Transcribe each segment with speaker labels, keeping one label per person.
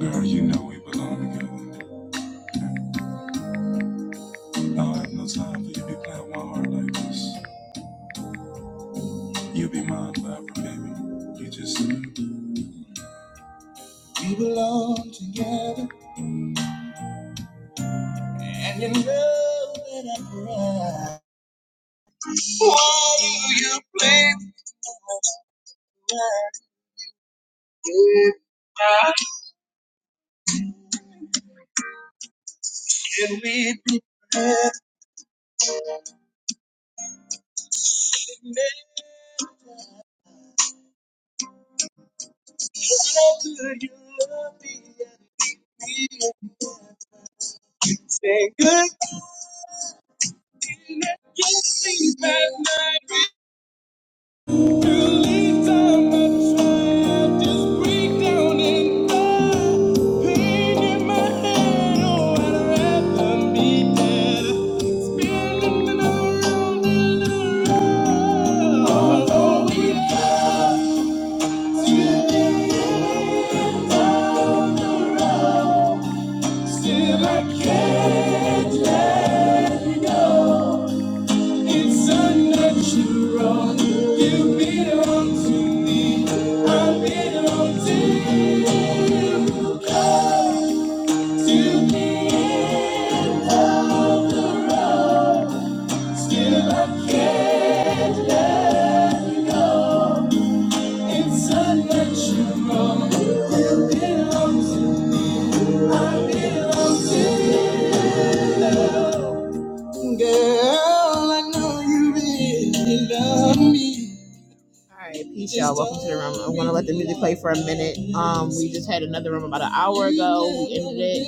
Speaker 1: Girl, you know we belong together. I have no time for you to be playing with my heart like this. You will be mine forever, baby. You just said we belong together, and you know that I'm right. Why do you play with my game? Can we be perfect? How could you love me and be Say good, just see my night. Still I can't. It's unnatural. You belong to Girl, I know you really love me. All right, peace, y'all. Welcome to the room. I'm gonna let the music play for a minute. Um, we just had another room about an hour ago. We ended it.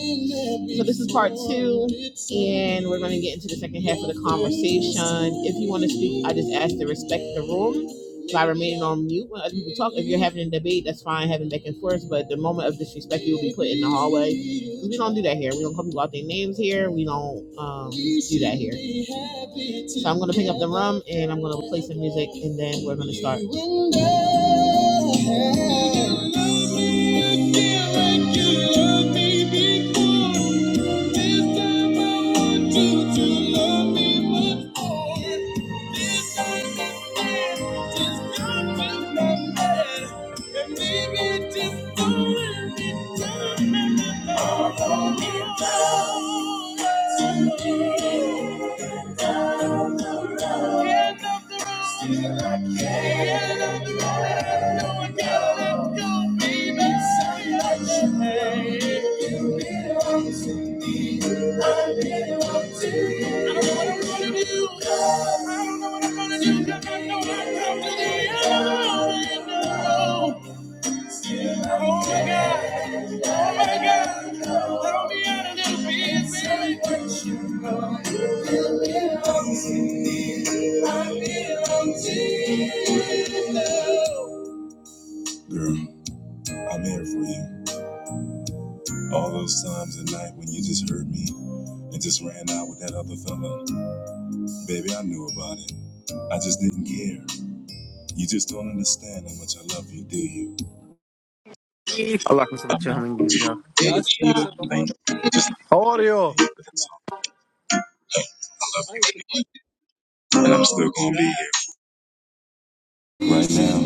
Speaker 1: So this is part two, and we're going to get into the second half of the conversation. If you want to speak, I just ask to respect the room by remaining on mute when other people talk. If you're having a debate, that's fine, having back and forth. But the moment of disrespect, you will be put in the hallway. 'Cause We don't do that here. We don't call people out their names here. We don't um, do that here. So I'm going to pick up the rum, and I'm going to play some music, and then we're going to start. Thank you. End of the road. End of the road. No one gotta let go, baby. Say what you made. You belong to me. I belong to you. I don't know what I'm gonna do. I don't know what I'm gonna do. 'cause I know I come to the end of the road. Oh my God. Oh my God. Throw me out a little bit, baby. Say what you want. You belong to me. I belong to you. Girl, I'm here for you. All those times at night when you just heard me and just ran out with that other fella. Baby, I knew about it. I just didn't care. You just don't understand how much I love you, do you?
Speaker 2: Allahumma sabt ya Hamidillah. How are you?
Speaker 1: And I'm still gonna be here. Right now,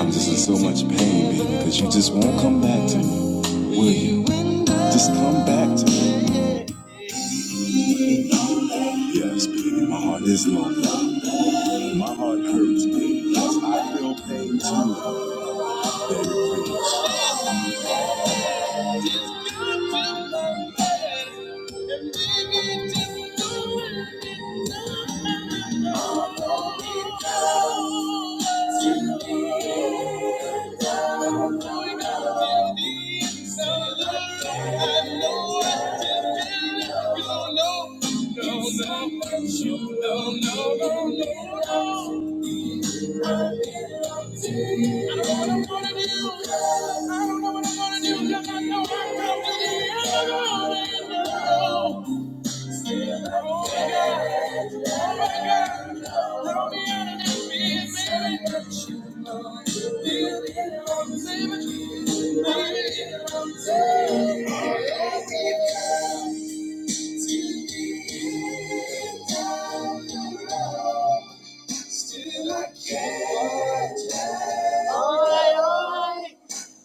Speaker 1: I'm just in so much pain, baby, because you just won't come back to me, will you? Just come back to me. Yeah, it's beating in my heart is long. My heart hurts. I feel pain too. No, no, no, no, no, no, no. Still I can't Oy, oy!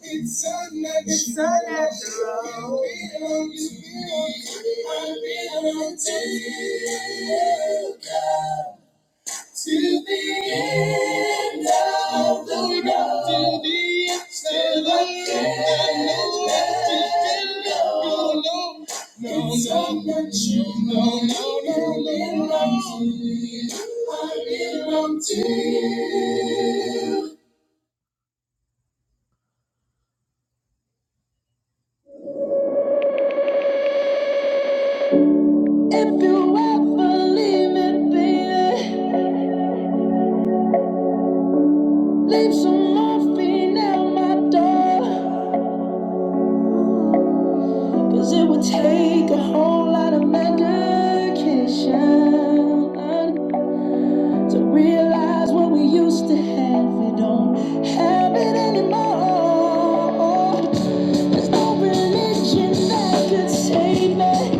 Speaker 1: It's not that it's not that I need love, you need it. I need love till the end of the road. Till the end of the road. And I know that if we love, we'll know. It's not that you don't need love, you need it. If you ever leave me, baby. Leave some morphine at my door. 'cause it would take a whole lot of medication to realize what we used to have. We don't have it anymore. There's no religion that could save me.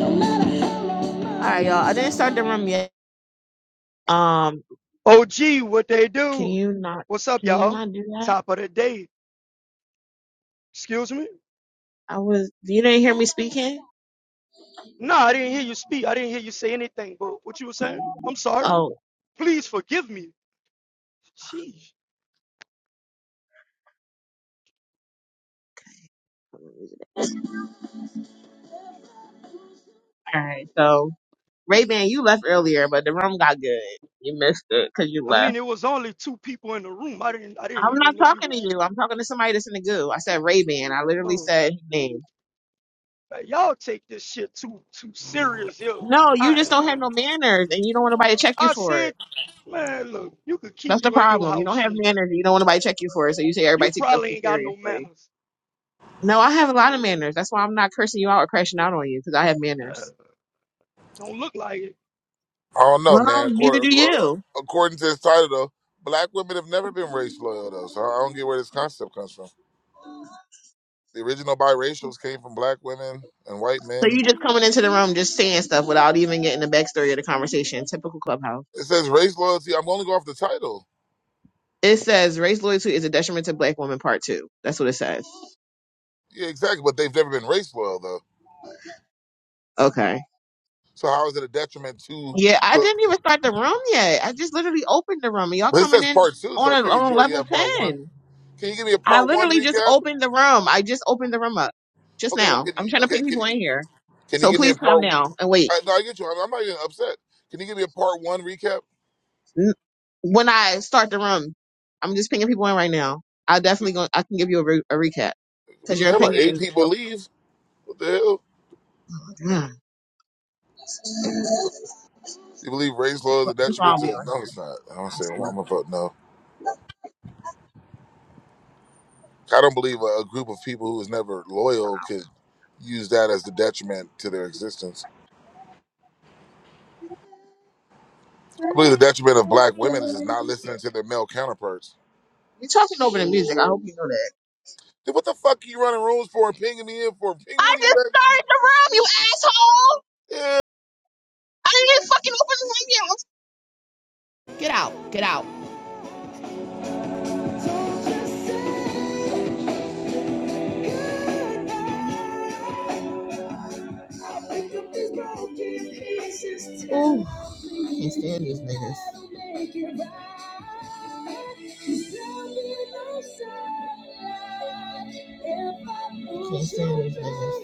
Speaker 1: No matter how long. All right, y'all. I didn't start the room yet. Um,
Speaker 3: OG, what they
Speaker 1: can
Speaker 3: do?
Speaker 1: you not?
Speaker 3: What's up,
Speaker 1: Can you
Speaker 3: y'all?
Speaker 1: not do that?
Speaker 3: Top of the day. Excuse me?
Speaker 1: I was. You didn't hear me speaking.
Speaker 3: No, I didn't hear you speak. I didn't hear you say anything, but what you were saying? I'm sorry.
Speaker 1: Oh, all
Speaker 3: Please forgive me. Sheesh.
Speaker 1: right. So. Ray Ban, you left earlier, but the room got good. You missed it because you
Speaker 3: I mean,
Speaker 1: left.
Speaker 3: it was only two people in the room. I didn't I didn't
Speaker 1: I'm not
Speaker 3: even know you
Speaker 1: talking to
Speaker 3: was
Speaker 1: you. I'm talking to somebody that's in the goo. I said Ray Ban. I literally
Speaker 3: oh
Speaker 1: said his name.
Speaker 3: man, y'all take this shit too too serious, yo.
Speaker 1: No, you
Speaker 3: I
Speaker 1: just
Speaker 3: ain't
Speaker 1: don't have
Speaker 3: lying.
Speaker 1: no manners and you don't want nobody to check you
Speaker 3: I
Speaker 1: for it.
Speaker 3: said, man, look, you could keep
Speaker 1: That's the
Speaker 3: you in your
Speaker 1: problem. You
Speaker 3: house
Speaker 1: don't have
Speaker 3: shit.
Speaker 1: manners and you don't want nobody to check you for it. So you say everybody
Speaker 3: You
Speaker 1: takes stuff
Speaker 3: probably
Speaker 1: too
Speaker 3: ain't got no
Speaker 1: seriously.
Speaker 3: manners.
Speaker 1: No, I have a lot of manners. That's why I'm not cursing you out or crashing out on you because I have
Speaker 3: Uh,
Speaker 1: manners.
Speaker 3: don't look like it.
Speaker 4: I don't know,
Speaker 1: Well,
Speaker 4: man.
Speaker 1: neither
Speaker 4: According,
Speaker 1: do you.
Speaker 4: according to this title, though, black women have never been race loyal, though. So I don't get where this concept comes from. The original biracials came from black women and white
Speaker 1: So
Speaker 4: men.
Speaker 1: you just coming into the room just saying stuff without even getting the backstory of the conversation. Typical clubhouse.
Speaker 4: It says race loyalty. I'm only going off the title.
Speaker 1: It says race loyalty is a detriment to black women, part two. That's what it says.
Speaker 4: Yeah, exactly. But they've never been race loyal, though.
Speaker 1: Okay.
Speaker 4: So how is it a detriment to?
Speaker 1: Yeah, I
Speaker 4: to
Speaker 1: didn't even start the room yet. I just literally opened the room. and Y'all
Speaker 4: well, it
Speaker 1: coming
Speaker 4: says
Speaker 1: in
Speaker 4: part two, so
Speaker 1: on
Speaker 4: I
Speaker 1: a
Speaker 4: figured
Speaker 1: on
Speaker 4: you
Speaker 1: a
Speaker 4: already
Speaker 1: level
Speaker 4: have part one.
Speaker 1: ten.
Speaker 4: Can you give me a
Speaker 1: I
Speaker 4: part one
Speaker 1: literally just
Speaker 4: recap?
Speaker 1: opened the room. I just opened the room up just
Speaker 4: Okay, well,
Speaker 1: now.
Speaker 4: can you?
Speaker 1: I'm trying to
Speaker 4: Okay,
Speaker 1: ping
Speaker 4: can
Speaker 1: people in
Speaker 4: you?
Speaker 1: here,
Speaker 4: Can you
Speaker 1: so
Speaker 4: give me a
Speaker 1: please calm
Speaker 4: part?
Speaker 1: down and wait.
Speaker 4: I, no, I get you. I'm, I'm not even upset. Can you give me a part one recap?
Speaker 1: N- When I start the room, I'm just pinging people in right now. I
Speaker 4: We,
Speaker 1: definitely going I can give you a, re- a recap because
Speaker 4: we've
Speaker 1: your
Speaker 4: had like
Speaker 1: opinion
Speaker 4: eight
Speaker 1: is.
Speaker 4: people
Speaker 1: Oh,
Speaker 4: leave. What the hell? You believe race law is a
Speaker 1: That's all
Speaker 4: detriment
Speaker 1: I'm doing.
Speaker 4: to? No, it's not. I'm gonna say I'm gonna vote no. I don't believe a, a group of people who is never loyal could use that as the detriment to their existence. I believe the detriment of black women is just not listening to their male counterparts.
Speaker 1: You're talking over the music. I hope.
Speaker 4: Then what the fuck are you running rooms for and pinging me in for? Ping
Speaker 1: I
Speaker 4: when you
Speaker 1: just
Speaker 4: ready.
Speaker 1: started the room, you asshole! I didn't even fucking open the room yet. Get out. Get out. Can't stand these niggas. Can't stand these niggas.